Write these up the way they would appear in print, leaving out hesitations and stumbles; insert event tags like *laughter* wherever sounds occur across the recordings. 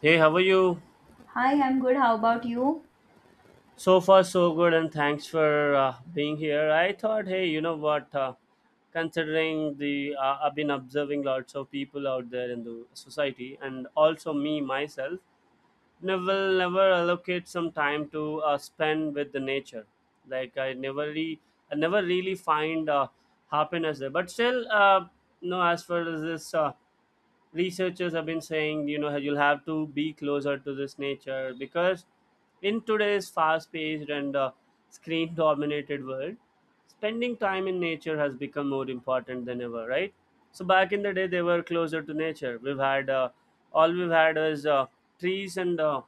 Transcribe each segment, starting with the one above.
Hey, how are you? Hi, I'm good. How about you? So far, so good, and thanks for being here. I thought, hey, you know what? Considering the I've been observing lots of people out there in the society, and also me myself, never allocate some time to spend with the nature. Like I never really find happiness there. But still, no. As far as this. Researchers have been saying you know you'll have to be closer to this nature because in today's fast-paced and screen-dominated world, spending time in nature has become more important than ever, right? So back in the day they were closer to nature. We've had all we've had is trees and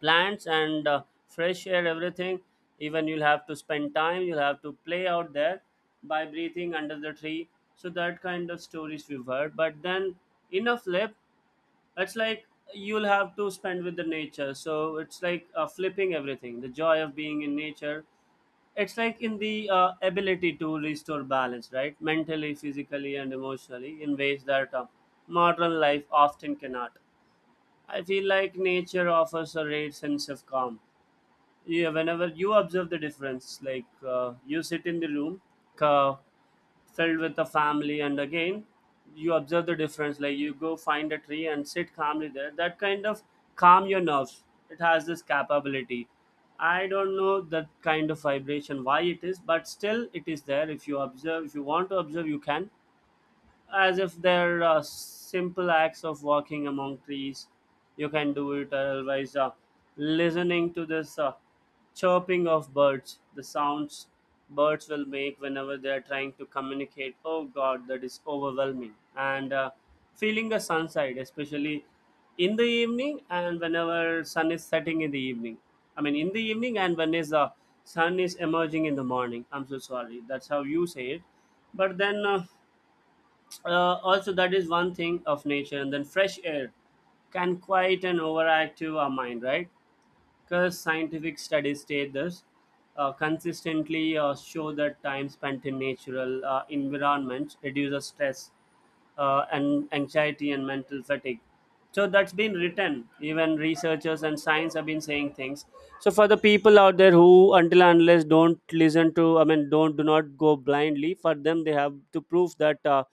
plants and fresh air, everything. Even you'll have to spend time, you'll have to play out there by breathing under the tree. So that kind of stories we've heard, but then in a flip, it's like you'll have to spend with the nature. So it's like flipping everything. The joy of being in nature, it's like in the ability to restore balance, right? Mentally, physically, and emotionally, in ways that modern life often cannot. I feel like nature offers a rare sense of calm. Yeah, whenever you observe the difference, like you sit in the room uh, filled with a family, and again you observe the difference, like you go find a tree and sit calmly there. That kind of calm your nerves. It has this capability. I don't know that kind of vibration, why it is, but still it is there. If you observe, if you want to observe, you can. As if they're simple acts of walking among trees. You can do it or otherwise. Listening to this chirping of birds, the sounds birds will make whenever they are trying to communicate. Oh God, that is overwhelming. And feeling the sunside, especially in the evening and whenever sun is setting in the evening. I mean, in the evening and when is the sun is emerging in the morning. I'm so sorry. That's how you say it. But then. Also that is one thing of nature, and then fresh air can quiet and overactive our mind, right? Because scientific studies state this, consistently show that time spent in natural environments reduces stress and anxiety and mental fatigue. So that's been written. Even researchers and science have been saying things. So for the people out there who, until and unless, don't listen to, I mean, don't do not go blindly. For them, they have to prove that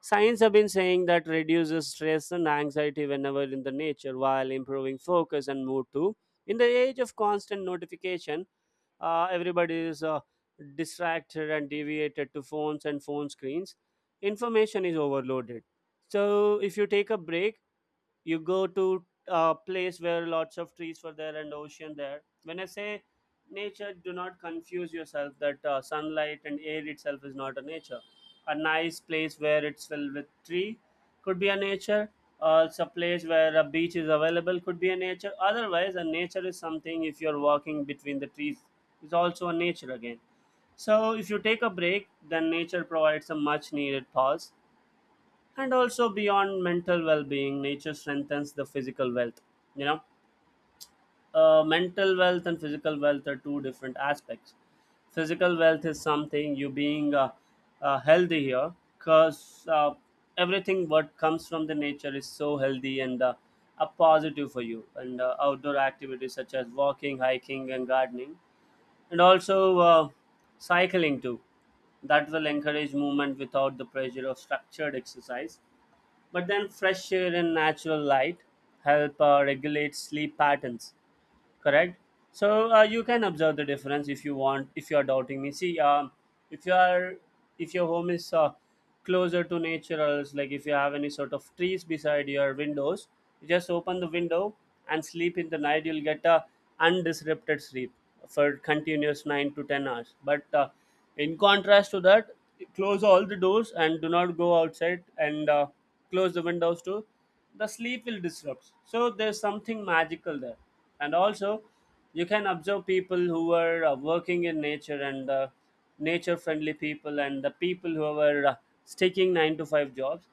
science have been saying that reduces stress and anxiety whenever in the nature, while improving focus and mood too. In the age of constant notification, everybody is distracted and deviated to phones and phone screens. Information is overloaded. So if you take a break, you go to a place where lots of trees were there and ocean there. When I say nature, do not confuse yourself that sunlight and air itself is not a nature. A nice place where it's filled with tree could be a nature. It's a place where a beach is available could be a nature. Otherwise, a nature is something if you're walking between the trees is also a nature again. So if you take a break, then nature provides a much needed pause. And also, beyond mental well-being, nature strengthens the physical wealth, you know. Mental wealth and physical wealth are two different aspects. Physical wealth is something you being healthy here, because everything what comes from the nature is so healthy and a positive for you. And outdoor activities such as walking, hiking, and gardening, and also cycling too, that will encourage movement without the pressure of structured exercise. But then fresh air and natural light help regulate sleep patterns, correct? So you can observe the difference if you want. If you are doubting me, see, if you are, if your home is closer to nature, or else like if you have any sort of trees beside your windows, you just open the window and sleep in the night, you'll get a undisrupted sleep for continuous 9 to 10 hours. But in contrast to that, close all the doors and do not go outside and close the windows too, the sleep will disrupt. So there's something magical there. And also, you can observe people who are working in nature and nature friendly people, and the people who are sticking 9 to 5 jobs.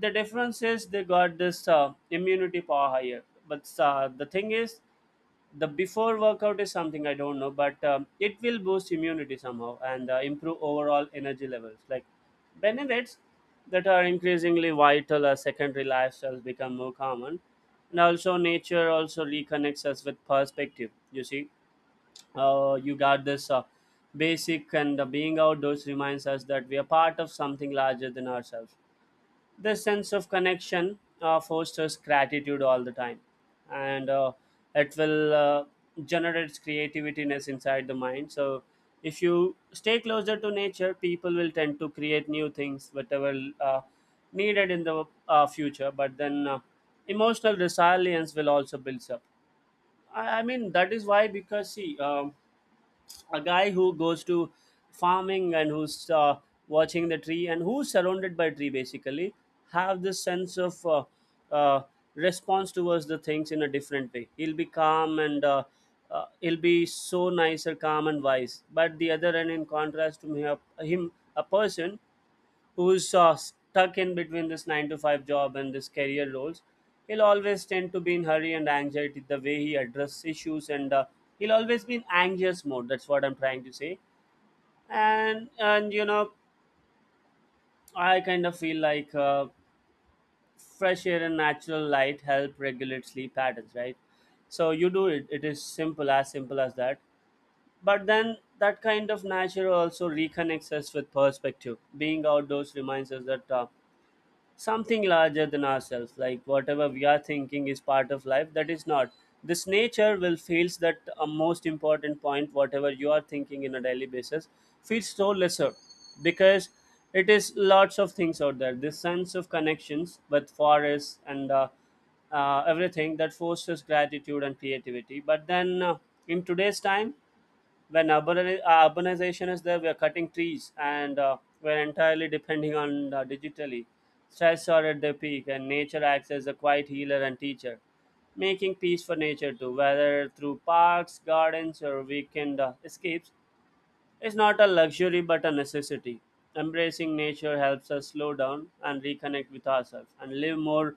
The difference is they got this immunity power higher. But the thing is, the before workout is something I don't know, but it will boost immunity somehow and improve overall energy levels, like benefits that are increasingly vital as secondary lifestyles become more common. And also, nature also reconnects us with perspective, you see. You got this basic, and being outdoors reminds us that we are part of something larger than ourselves. The sense of connection fosters gratitude all the time, and it will generate creativitiness inside the mind. So if you stay closer to nature, people will tend to create new things, whatever uh, needed in the future. But then emotional resilience will also build up. I mean, that is why, because see, a guy who goes to farming and who's watching the tree and who's surrounded by tree basically, have this sense of uh, response towards the things in a different way. He'll be calm and he'll be so nicer, calm and wise. But the other end, in contrast to him, a person who's stuck in between this 9 to 5 job and this career roles, he'll always tend to be in hurry and anxiety the way he addresses issues, and he'll always be in anxious mode. That's what I'm trying to say. And you know, I kind of feel like fresh air and natural light help regulate sleep patterns, right? So you do it. It is simple, as simple as that. But then that kind of nature also reconnects us with perspective. Being outdoors reminds us that something larger than ourselves, like whatever we are thinking is part of life, that is not. This nature will feels that a most important point, whatever you are thinking in a daily basis feels so lesser, because it is lots of things out there. This sense of connections with forests and everything, that forces gratitude and creativity. But then in today's time, when urbanization is there, we are cutting trees and we're entirely depending on digitally. Stress are at their peak, and nature acts as a quiet healer and teacher. Making peace for nature too, whether through parks, gardens, or weekend escapes, it's not a luxury but a necessity. Embracing nature helps us slow down and reconnect with ourselves and live more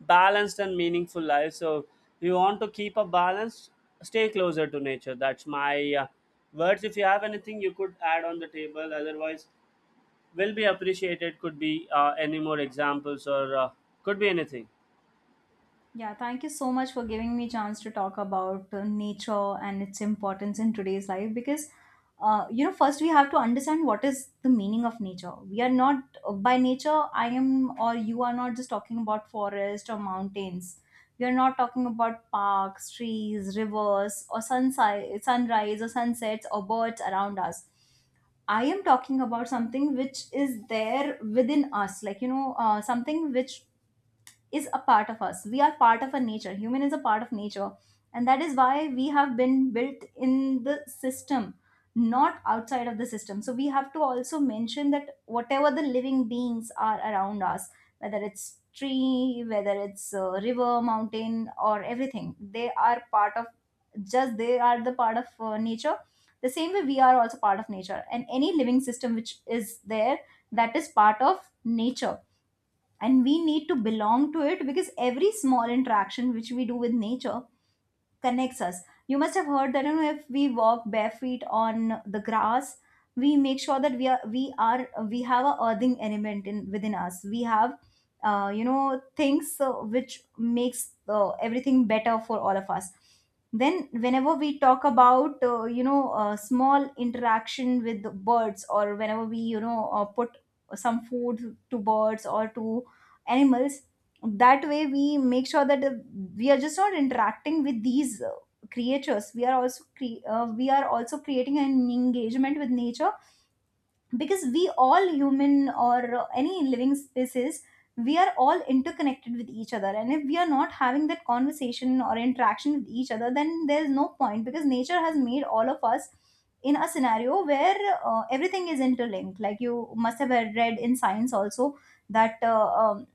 balanced and meaningful lives. So, if you want to keep a balance, stay closer to nature. That's my words. If you have anything you could add on the table, otherwise, will be appreciated. Could be any more examples or could be anything. Yeah, thank you so much for giving me chance to talk about nature and its importance in today's life because you know, first we have to understand what is the meaning of nature. We are not by nature, I am or you are not just talking about forest or mountains. We are not talking about parks, trees, rivers, or sunrise or sunsets or birds around us. I am talking about something which is there within us, like you know, something which is a part of us. We are part of a nature. Human is a part of nature. And that is why we have been built in the system, not outside of the system. So we have to also mention that whatever the living beings are around us, whether it's tree, whether it's river, mountain, or everything, they are part of just they are the part of nature. The same way we are also part of nature, and any living system which is there that is part of nature, and we need to belong to it because every small interaction which we do with nature connects us. You must have heard that you know if we walk barefoot on the grass, we make sure that we are we are we have a earthing element in within us. We have you know things which makes everything better for all of us. Then whenever we talk about you know small interaction with the birds or whenever we you know put some food to birds or to animals, that way we make sure that we are just not interacting with these creatures. We are also we are also creating an engagement with nature because we all human or any living species, we are all interconnected with each other, and if we are not having that conversation or interaction with each other, then there's no point because nature has made all of us in a scenario where everything is interlinked, like you must have read in science also that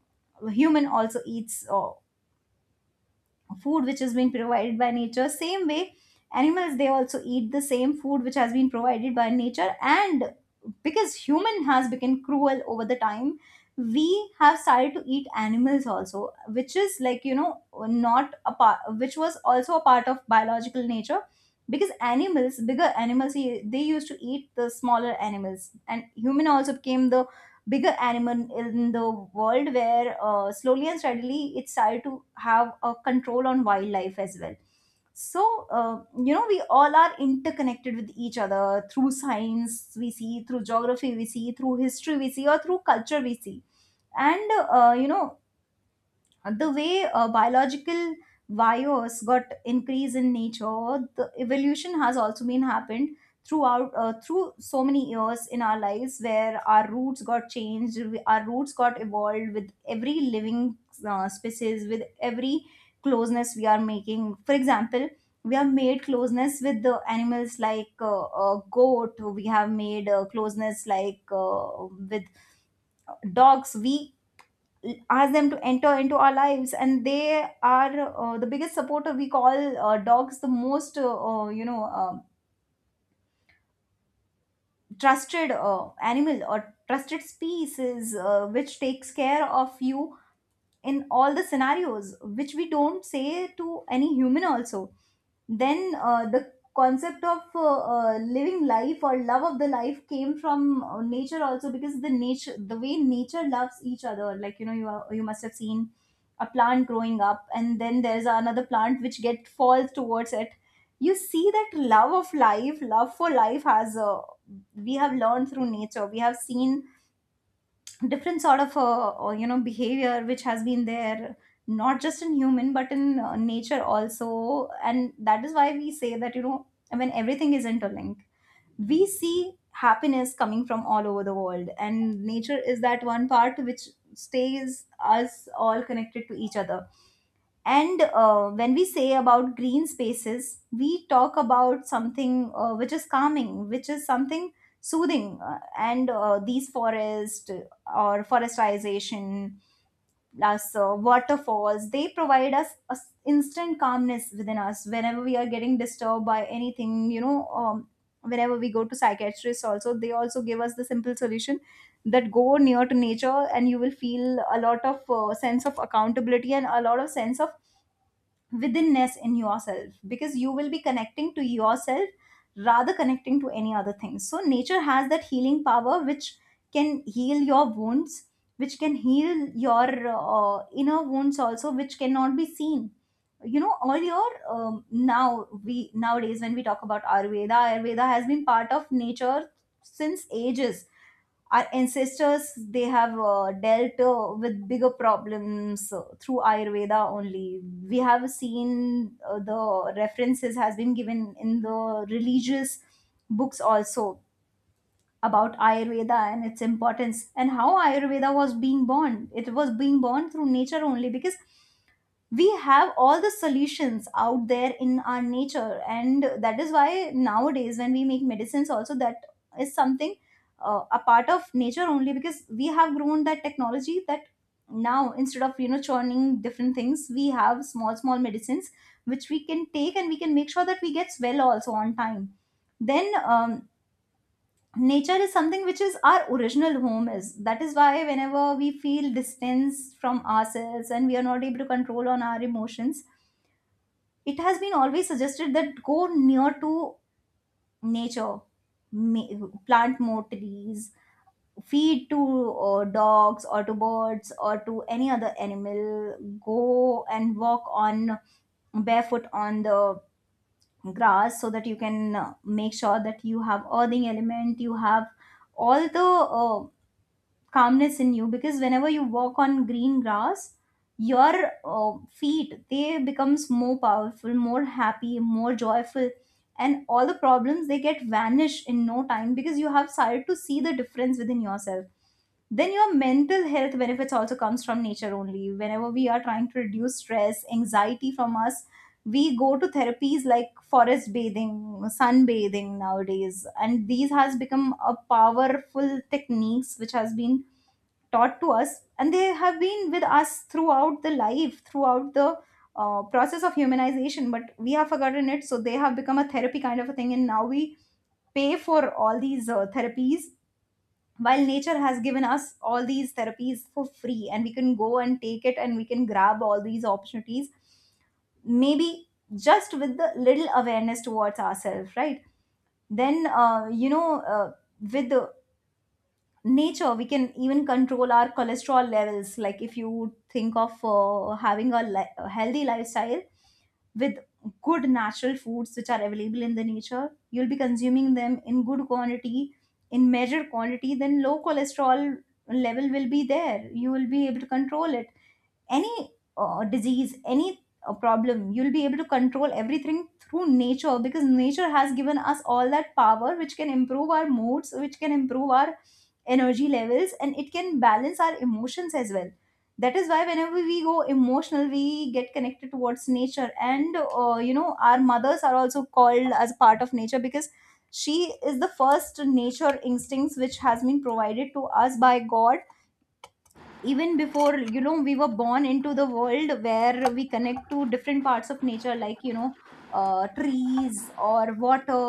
human also eats food which has been provided by nature. Same way, animals, they also eat the same food which has been provided by nature. And because human has become cruel over the time, we have started to eat animals also, which is like you know not a part, which was also a part of biological nature, because animals, bigger animals, they used to eat the smaller animals, and human also became the bigger animal in the world, where slowly and steadily it started to have a control on wildlife as well. So uh, you know, we all are interconnected with each other through science we see, through geography we see, through history we see, or through culture we see. And you know, the way biological bios got increase in nature, the evolution has also been happened throughout through so many years in our lives, where our roots got changed, our roots got evolved with every living species, with every closeness we are making. For example, we have made closeness with the animals, like goat. We have made closeness like with dogs. We ask them to enter into our lives, and they are the biggest supporter. We call dogs the most you know trusted animal or trusted species which takes care of you in all the scenarios which we don't say to any human also. Then the concept of living life or love of the life came from nature also, because the nature, the way nature loves each other, like you know, you are, you must have seen a plant growing up and then there's another plant which get falls towards it. You see that love of life, love for life has we have learned through nature. We have seen different sort of you know behavior which has been there, not just in human but in nature also. And that is why we say that you know, when everything is interlinked, we see happiness coming from all over the world, and nature is that one part which stays us all connected to each other. And when we say about green spaces, we talk about something which is calming, which is something soothing. And these forests or forestization plus waterfalls, they provide us a instant calmness within us whenever we are getting disturbed by anything. You know, whenever we go to psychiatrists, also they also give us the simple solution that go near to nature, and you will feel a lot of sense of accountability and a lot of sense of withinness in yourself, because you will be connecting to yourself rather connecting to any other thing. So nature has that healing power which can heal your wounds, which can heal your inner wounds also, which cannot be seen. You know, all your nowadays when we talk about ayurveda, ayurveda has been part of nature since ages. Our ancestors, they have dealt with bigger problems through ayurveda only. We have seen the references has been given in the religious books also about ayurveda and its importance, and how ayurveda was being born. It was being born through nature only, because we have all the solutions out there in our nature. And that is why nowadays when we make medicines also, that is something a part of nature only, because we have grown that technology that now instead of you know churning different things, we have small small medicines which we can take, and we can make sure that we get well also on time. Then nature is something which is our original home. Is that is why whenever we feel distance from ourselves and we are not able to control on our emotions, it has been always suggested that go near to nature, plant more trees, feed to dogs or to birds or to any other animal, go and walk on barefoot on the grass, so that you can make sure that you have earthing element, you have all the uh, calmness in you. Because whenever you walk on green grass, your feet, they becomes more powerful, more happy, more joyful, and all the problems they get vanished in no time, because you have started to see the difference within yourself. Then your mental health benefits also comes from nature only. Whenever we are trying to reduce stress, anxiety from us, we go to therapies like forest bathing, sunbathing nowadays, and these has become a powerful techniques which has been taught to us, and they have been with us throughout the life, throughout the process of humanization, but we have forgotten it. So they have become a therapy kind of a thing, and now we pay for all these therapies, while nature has given us all these therapies for free, and we can go and take it, and we can grab all these opportunities maybe just with the little awareness towards ourselves, right? Then you know, with the nature we can even control our cholesterol levels. Like if you think of having a, a healthy lifestyle with good natural foods which are available in the nature, you'll be consuming them in good quantity, in measured quantity, then low cholesterol level will be there, you will be able to control it. Any disease, any problem, you'll be able to control everything through nature, because nature has given us all that power which can improve our moods, which can improve our energy levels, and it can balance our emotions as well. That is why whenever we go emotional, we get connected towards nature. And you know, our mothers are also called as part of nature, because she is the first nature instincts which has been provided to us by god, even before you know we were born into the world, where we connect to different parts of nature like you know trees or water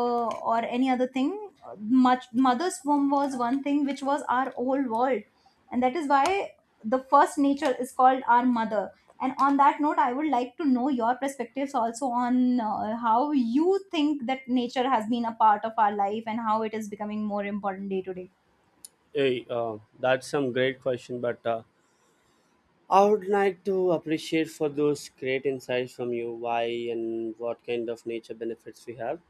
or any other thing. Much mother's womb was one thing which was our whole world, and that is why the first nature is called our mother. And on that note, I would like to know your perspectives also on how you think that nature has been a part of our life and how it is becoming more important day to day. Hey, that's some great question, but I would like to appreciate for those great insights from you, why and what kind of nature benefits we have.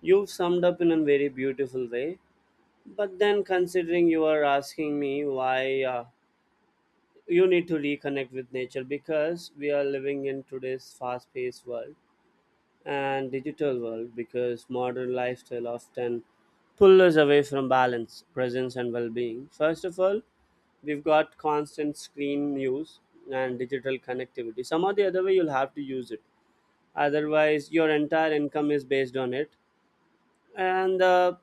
You've summed up in a very beautiful way, but then considering you are asking me why you need to reconnect with nature, because we are living in today's fast-paced world and digital world, because modern lifestyle often pull us away from balance, presence, and well-being. First of all, we've got constant screen use and digital connectivity. Some or the other way, you'll have to use it. Otherwise, your entire income is based on it. And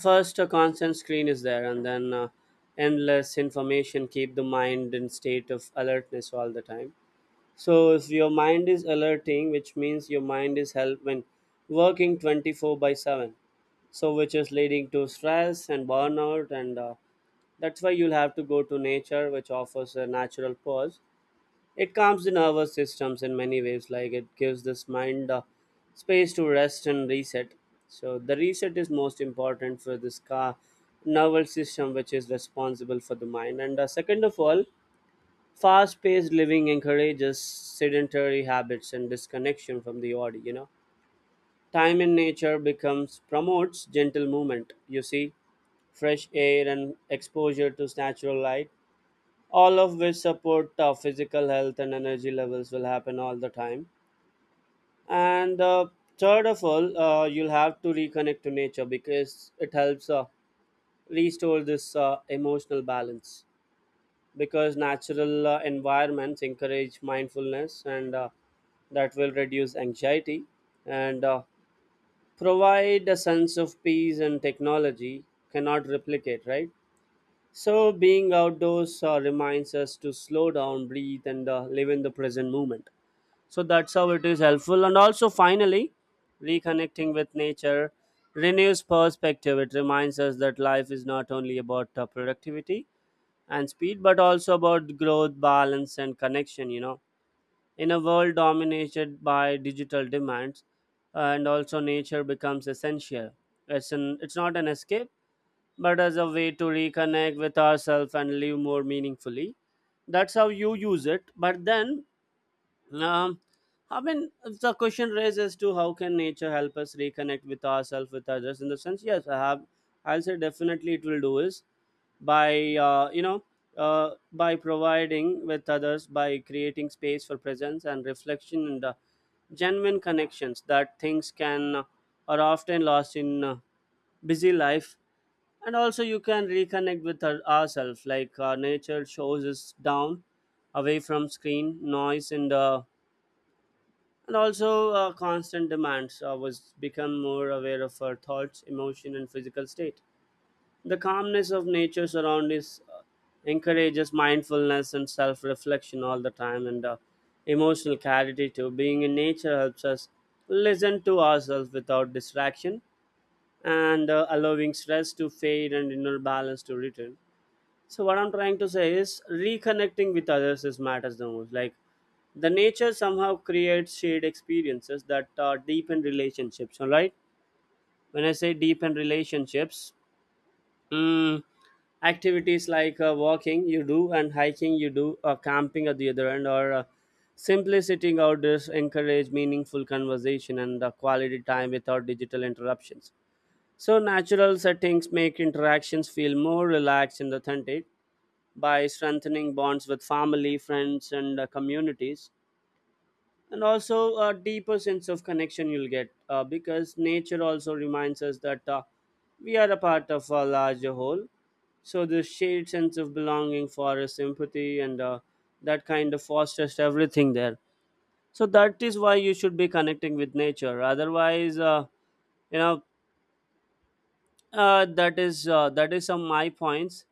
first, a constant screen is there, and then endless information keep the mind in state of alertness all the time. So if your mind is alerting, which means your mind is help when working 24 by 7. So which is leading to stress and burnout, and that's why you'll have to go to nature which offers a natural pause. It calms the nervous systems in many ways, like it gives this mind space to rest and reset. So the reset is most important for this car nervous system which is responsible for the mind, and second of all, fast paced living encourages sedentary habits and disconnection from the body. Time in nature becomes promotes gentle movement, you see, fresh air and exposure to natural light, all of which support physical health and energy levels will happen all the time. And Third of all, you'll have to reconnect to nature because it helps restore this emotional balance, because natural environments encourage mindfulness, and that will reduce anxiety and provide a sense of peace and technology cannot replicate, right? So being outdoors reminds us to slow down, breathe, and live in the present moment. So that's how it is helpful. And also finally, reconnecting with nature renews perspective. It reminds us that life is not only about productivity and speed, but also about growth, balance, and connection. In a world dominated by digital demands, and also nature becomes essential. It's an it's not an escape, but as a way to reconnect with ourselves and live more meaningfully. That's how you use it. But then um, i mean the question raises to how can nature help us reconnect with ourselves, with others, in the sense. Yes, I have. I'll say definitely it will do is by by providing with others, by creating space for presence and reflection, and genuine connections, that things can are often lost in busy life. And also you can reconnect with ourselves. Like nature shows us down, away from screen noise, and also constant demands. I was become more aware of our thoughts, emotion, and physical state. The calmness of nature surroundings encourages mindfulness and self reflection all the time, and emotional clarity too. Being in nature helps us listen to ourselves without distraction, and allowing stress to fade and inner balance to return. So, what I'm trying to say is reconnecting with others is matters the most. Like the nature somehow creates shared experiences that deepen relationships. All right, when I say deepen relationships. mm, activities like walking you do and hiking you do or camping at the other end, or simply sitting outdoors encourage meaningful conversation and quality time without digital interruptions. So natural settings make interactions feel more relaxed and authentic, by strengthening bonds with family, friends, and communities, and also a deeper sense of connection you'll get because nature also reminds us that we are a part of a larger whole. So the shared sense of belonging, forest empathy, and that kind of fosters everything there. So that is why you should be connecting with nature. Otherwise you know that is some my points.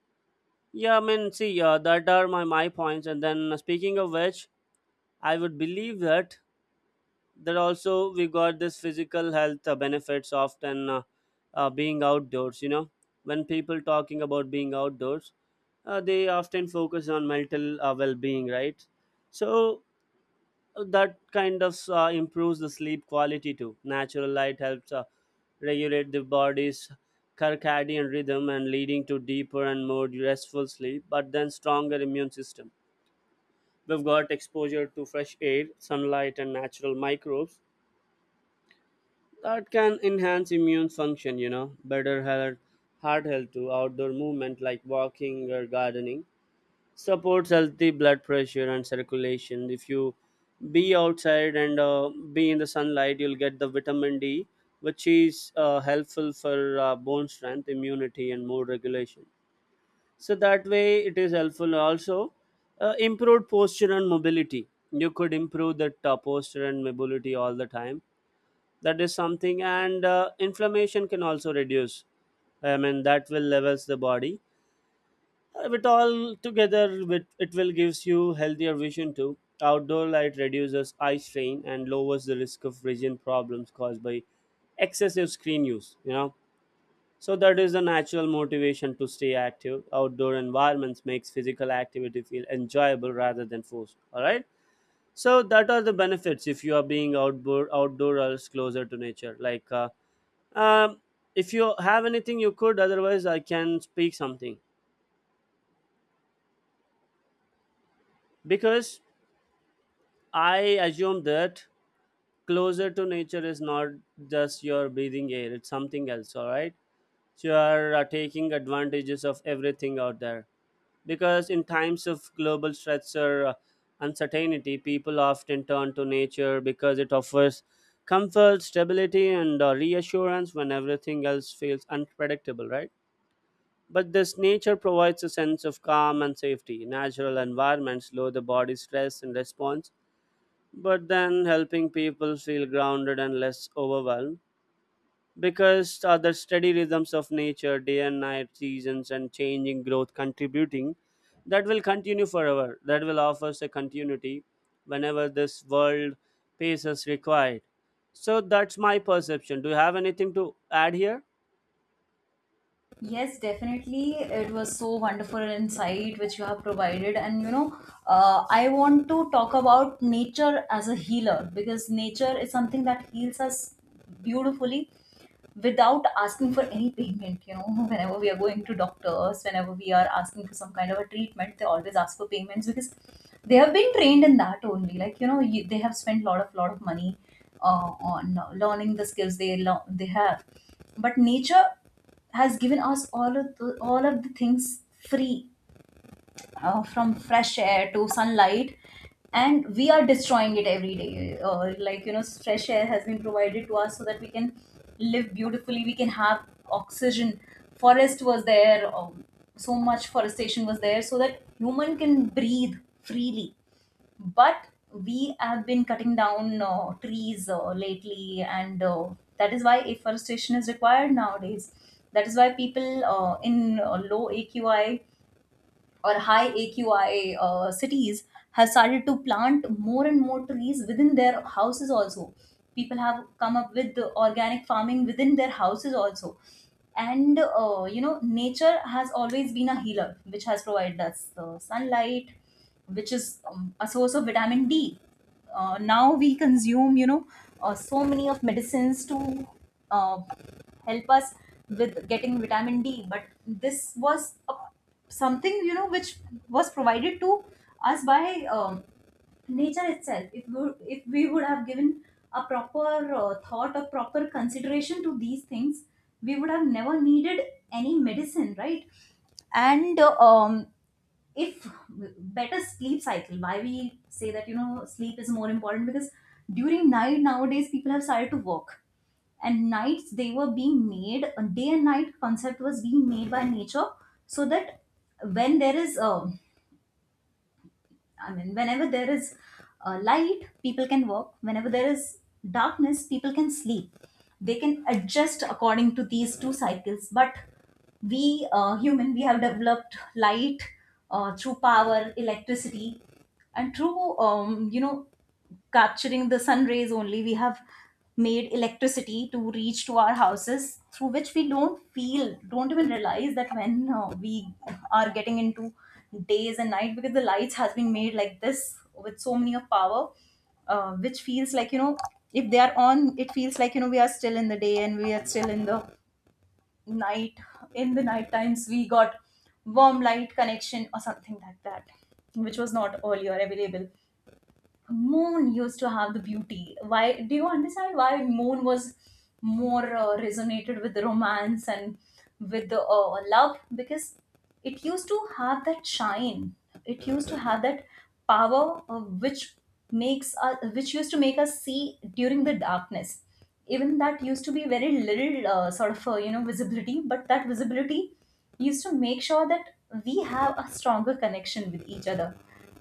Yeah, I mean see, that are my points. And then speaking of which, I would believe that that also we got this physical health benefits often being outdoors. When people talking about being outdoors, they often focus on mental well-being, right? So that kind of improves the sleep quality too. Natural light helps regulate the body's circadian rhythm and leading to deeper and more restful sleep. But then stronger immune system, we've got exposure to fresh air, sunlight, and natural microbes that can enhance immune function, better health. Heart health too. Outdoor movement like walking or gardening supports healthy blood pressure and circulation. If you be outside and be in the sunlight, you'll get the vitamin D, which is helpful for bone strength, immunity, and mood regulation. So that way it is helpful also. Improved posture and mobility, you could improve that posture and mobility all the time. That is something. And inflammation can also reduce, I mean that will levels the body. With all together, with it will gives you healthier vision too. Outdoor light reduces eye strain and lowers the risk of vision problems caused by excessive screen use, so that is the natural motivation to stay active. Outdoor environments makes physical activity feel enjoyable rather than forced, all right? So that are the benefits if you are being outdoor outdoorers closer to nature, like um, if you have anything, you could. Otherwise, I can speak something. Because I assume that closer to nature is not just your breathing air; it's something else. All right, so you are taking advantages of everything out there. Because in times of global stress or uncertainty, people often turn to nature because it offers comfort, stability, and reassurance when everything else feels unpredictable, right? But this nature provides a sense of calm and safety. Natural environments lower the body's stress and response, but then helping people feel grounded and less overwhelmed, because other steady rhythms of nature, day and night, seasons, and changing growth contributing, that will continue forever. That will offer us a continuity whenever this world pace is required. So that's my perception. Do you have anything to add here? Yes, definitely. It was so wonderful insight which you have provided. And I want to talk about nature as a healer because nature is something that heals us beautifully without asking for any payment. You know, whenever we are going to doctors, whenever we are asking for some kind of a treatment, they always ask for payments because they have been trained in that only. They have spent lot of money on learning the skills they have. But nature has given us all of the things free, from fresh air to sunlight, and we are destroying it every day. Fresh air has been provided to us so that we can live beautifully, we can have oxygen. Forest was there, so much forestation was there so that human can breathe freely. But we have been cutting down trees lately, and that is why afforestation is required nowadays. That is why people in low AQI or high AQI cities have started to plant more and more trees within their houses also. People have come up with the organic farming within their houses also. Nature has always been a healer, which has provided us sunlight, which is a source of vitamin D. Now we consume, so many of medicines to uh, help us with getting vitamin D, but this was a, something you know which was provided to us by um, nature itself. If we would have given a proper thought or proper consideration to these things, we would have never needed any medicine, right? and If better sleep cycle, why we say that, you know, sleep is more important? Because during night nowadays people have started to work, and nights they were being made, a day and night concept was being made by nature so that when there is whenever there is light, people can work. Whenever there is darkness, people can sleep. They can adjust according to these two cycles. But we, human, we have developed light through power, electricity, and through, capturing the sun rays only, we have made electricity to reach to our houses, through which we don't even realize that when we are getting into days and night, because the lights has been made like this with so many of power, which feels like, you know, if they are on, it feels like, you know, we are still in the day and we are still in the night. In the night times we got warm light connection or something like that, which was not earlier available. Moon used to have the beauty. Why do you understand why moon was more resonated with the romance and with the love? Because it used to have that shine, it used to have that power, which used to make us see during the darkness. Even that used to be very little, visibility, but that visibility used to make sure that we have a stronger connection with each other,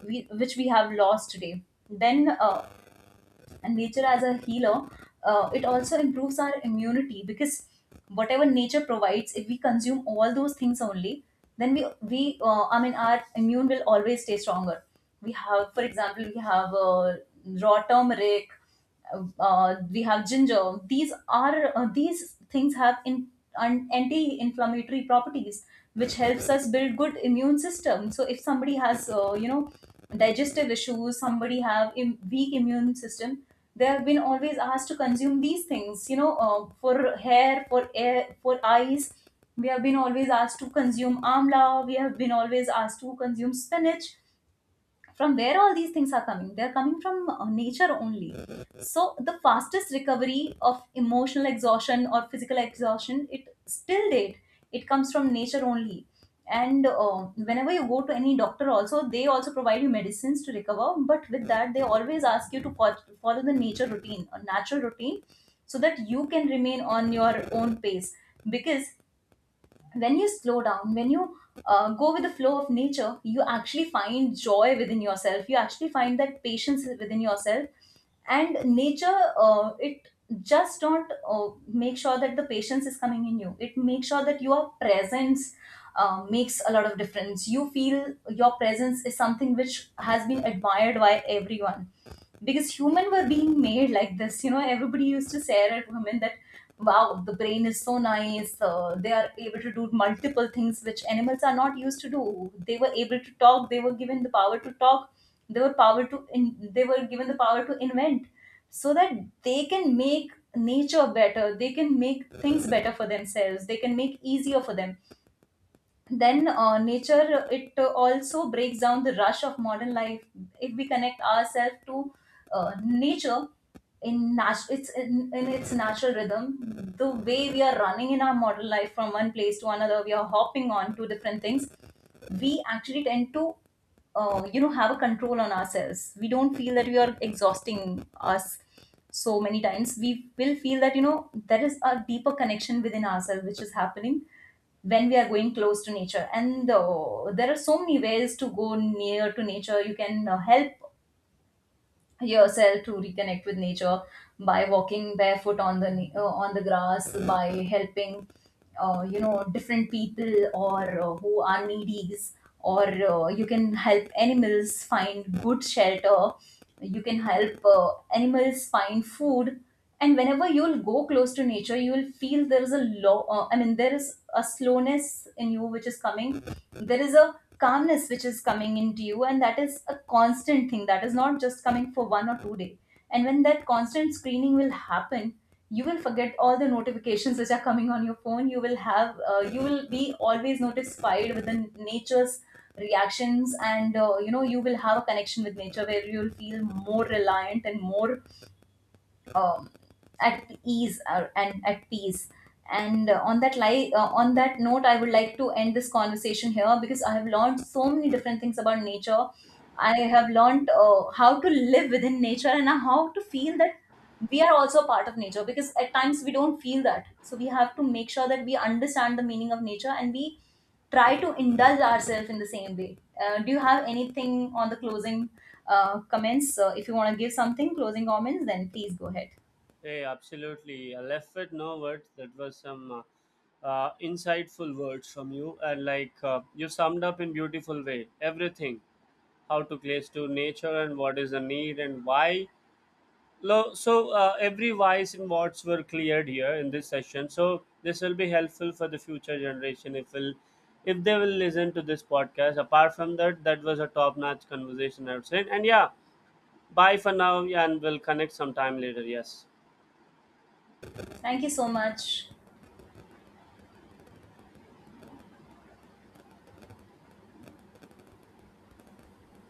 which we have lost today. Then And nature as a healer, it also improves our immunity, because whatever nature provides, if we consume all those things only, then we, our immune will always stay stronger. We have for example we have raw turmeric, we have ginger. These are, these things have in an anti-inflammatory properties, which helps us build good immune system. So if somebody has, digestive issues, somebody have weak immune system, they have been always asked to consume these things. You know, for hair, for air, for eyes, we have been always asked to consume amla. We have been always asked to consume spinach. From where all these things are coming? They're coming from nature only. So the fastest recovery of emotional exhaustion or physical exhaustion, it still date, it comes from nature only. And Whenever you go to any doctor also, they also provide you medicines to recover, but with that they always ask you to follow the nature routine or natural routine, so that you can remain on your own pace. Because when you slow down, when you go with the flow of nature, you actually find joy within yourself, you actually find that patience within yourself. And nature, it just don't make sure that the patience is coming in you, it makes sure that your presence makes a lot of difference. You feel your presence is something which has been admired by everyone, because human were being made like this, you know. Everybody used to stare at women that, wow, the brain is so nice, they are able to do multiple things which animals are not used to do. They were able to talk, they were given the power to talk, they were given the power to invent, so that they can make nature better, they can make things better for themselves, they can make easier for them. Then Nature, it also breaks down the rush of modern life. If we connect ourselves to nature in its natural rhythm, the way we are running in our modern life from one place to another, we are hopping on to different things, we actually tend to, have a control on ourselves. We don't feel that we are exhausting us. So many times we will feel that, you know, there is a deeper connection within ourselves which is happening when we are going close to nature. And There are so many ways to go near to nature. You can help yourself to reconnect with nature by walking barefoot on on the grass, by helping, different people, or who are needies, or you can help animals find good shelter, you can help, animals find food. And whenever you'll go close to nature, you'll feel there is a law, I mean, there is a slowness in you which is coming, there is a calmness which is coming into you, and that is a constant thing. That is not just coming for one or two day. And when that constant screening will happen, you will forget all the notifications *laughs* which are coming on your phone. You will have, you will be always notified with the nature's reactions, and you will have a connection with nature where you'll feel more reliant and more um, at ease and at peace. And on that li- On that note, I would like to end this conversation here, because I have learned so many different things about nature. I have learned, how to live within nature, and how to feel that we are also a part of nature, because at times we don't feel that. So we have to make sure that we understand the meaning of nature and we try to indulge ourselves in the same way. Do you have anything on the closing comments? If you want to give something closing comments, then please go ahead. Hey, absolutely. I left with no words. That was some insightful words from you, and like you summed up in beautiful way everything, how to place to nature and what is the need and why. Lo- So every whys and whats were cleared here in this session. So this will be helpful for the future generation if will if they will listen to this podcast. Apart from that, that was a top notch conversation I would say. And yeah, bye for now, yeah, and we'll connect sometime later. Yes. Thank you so much.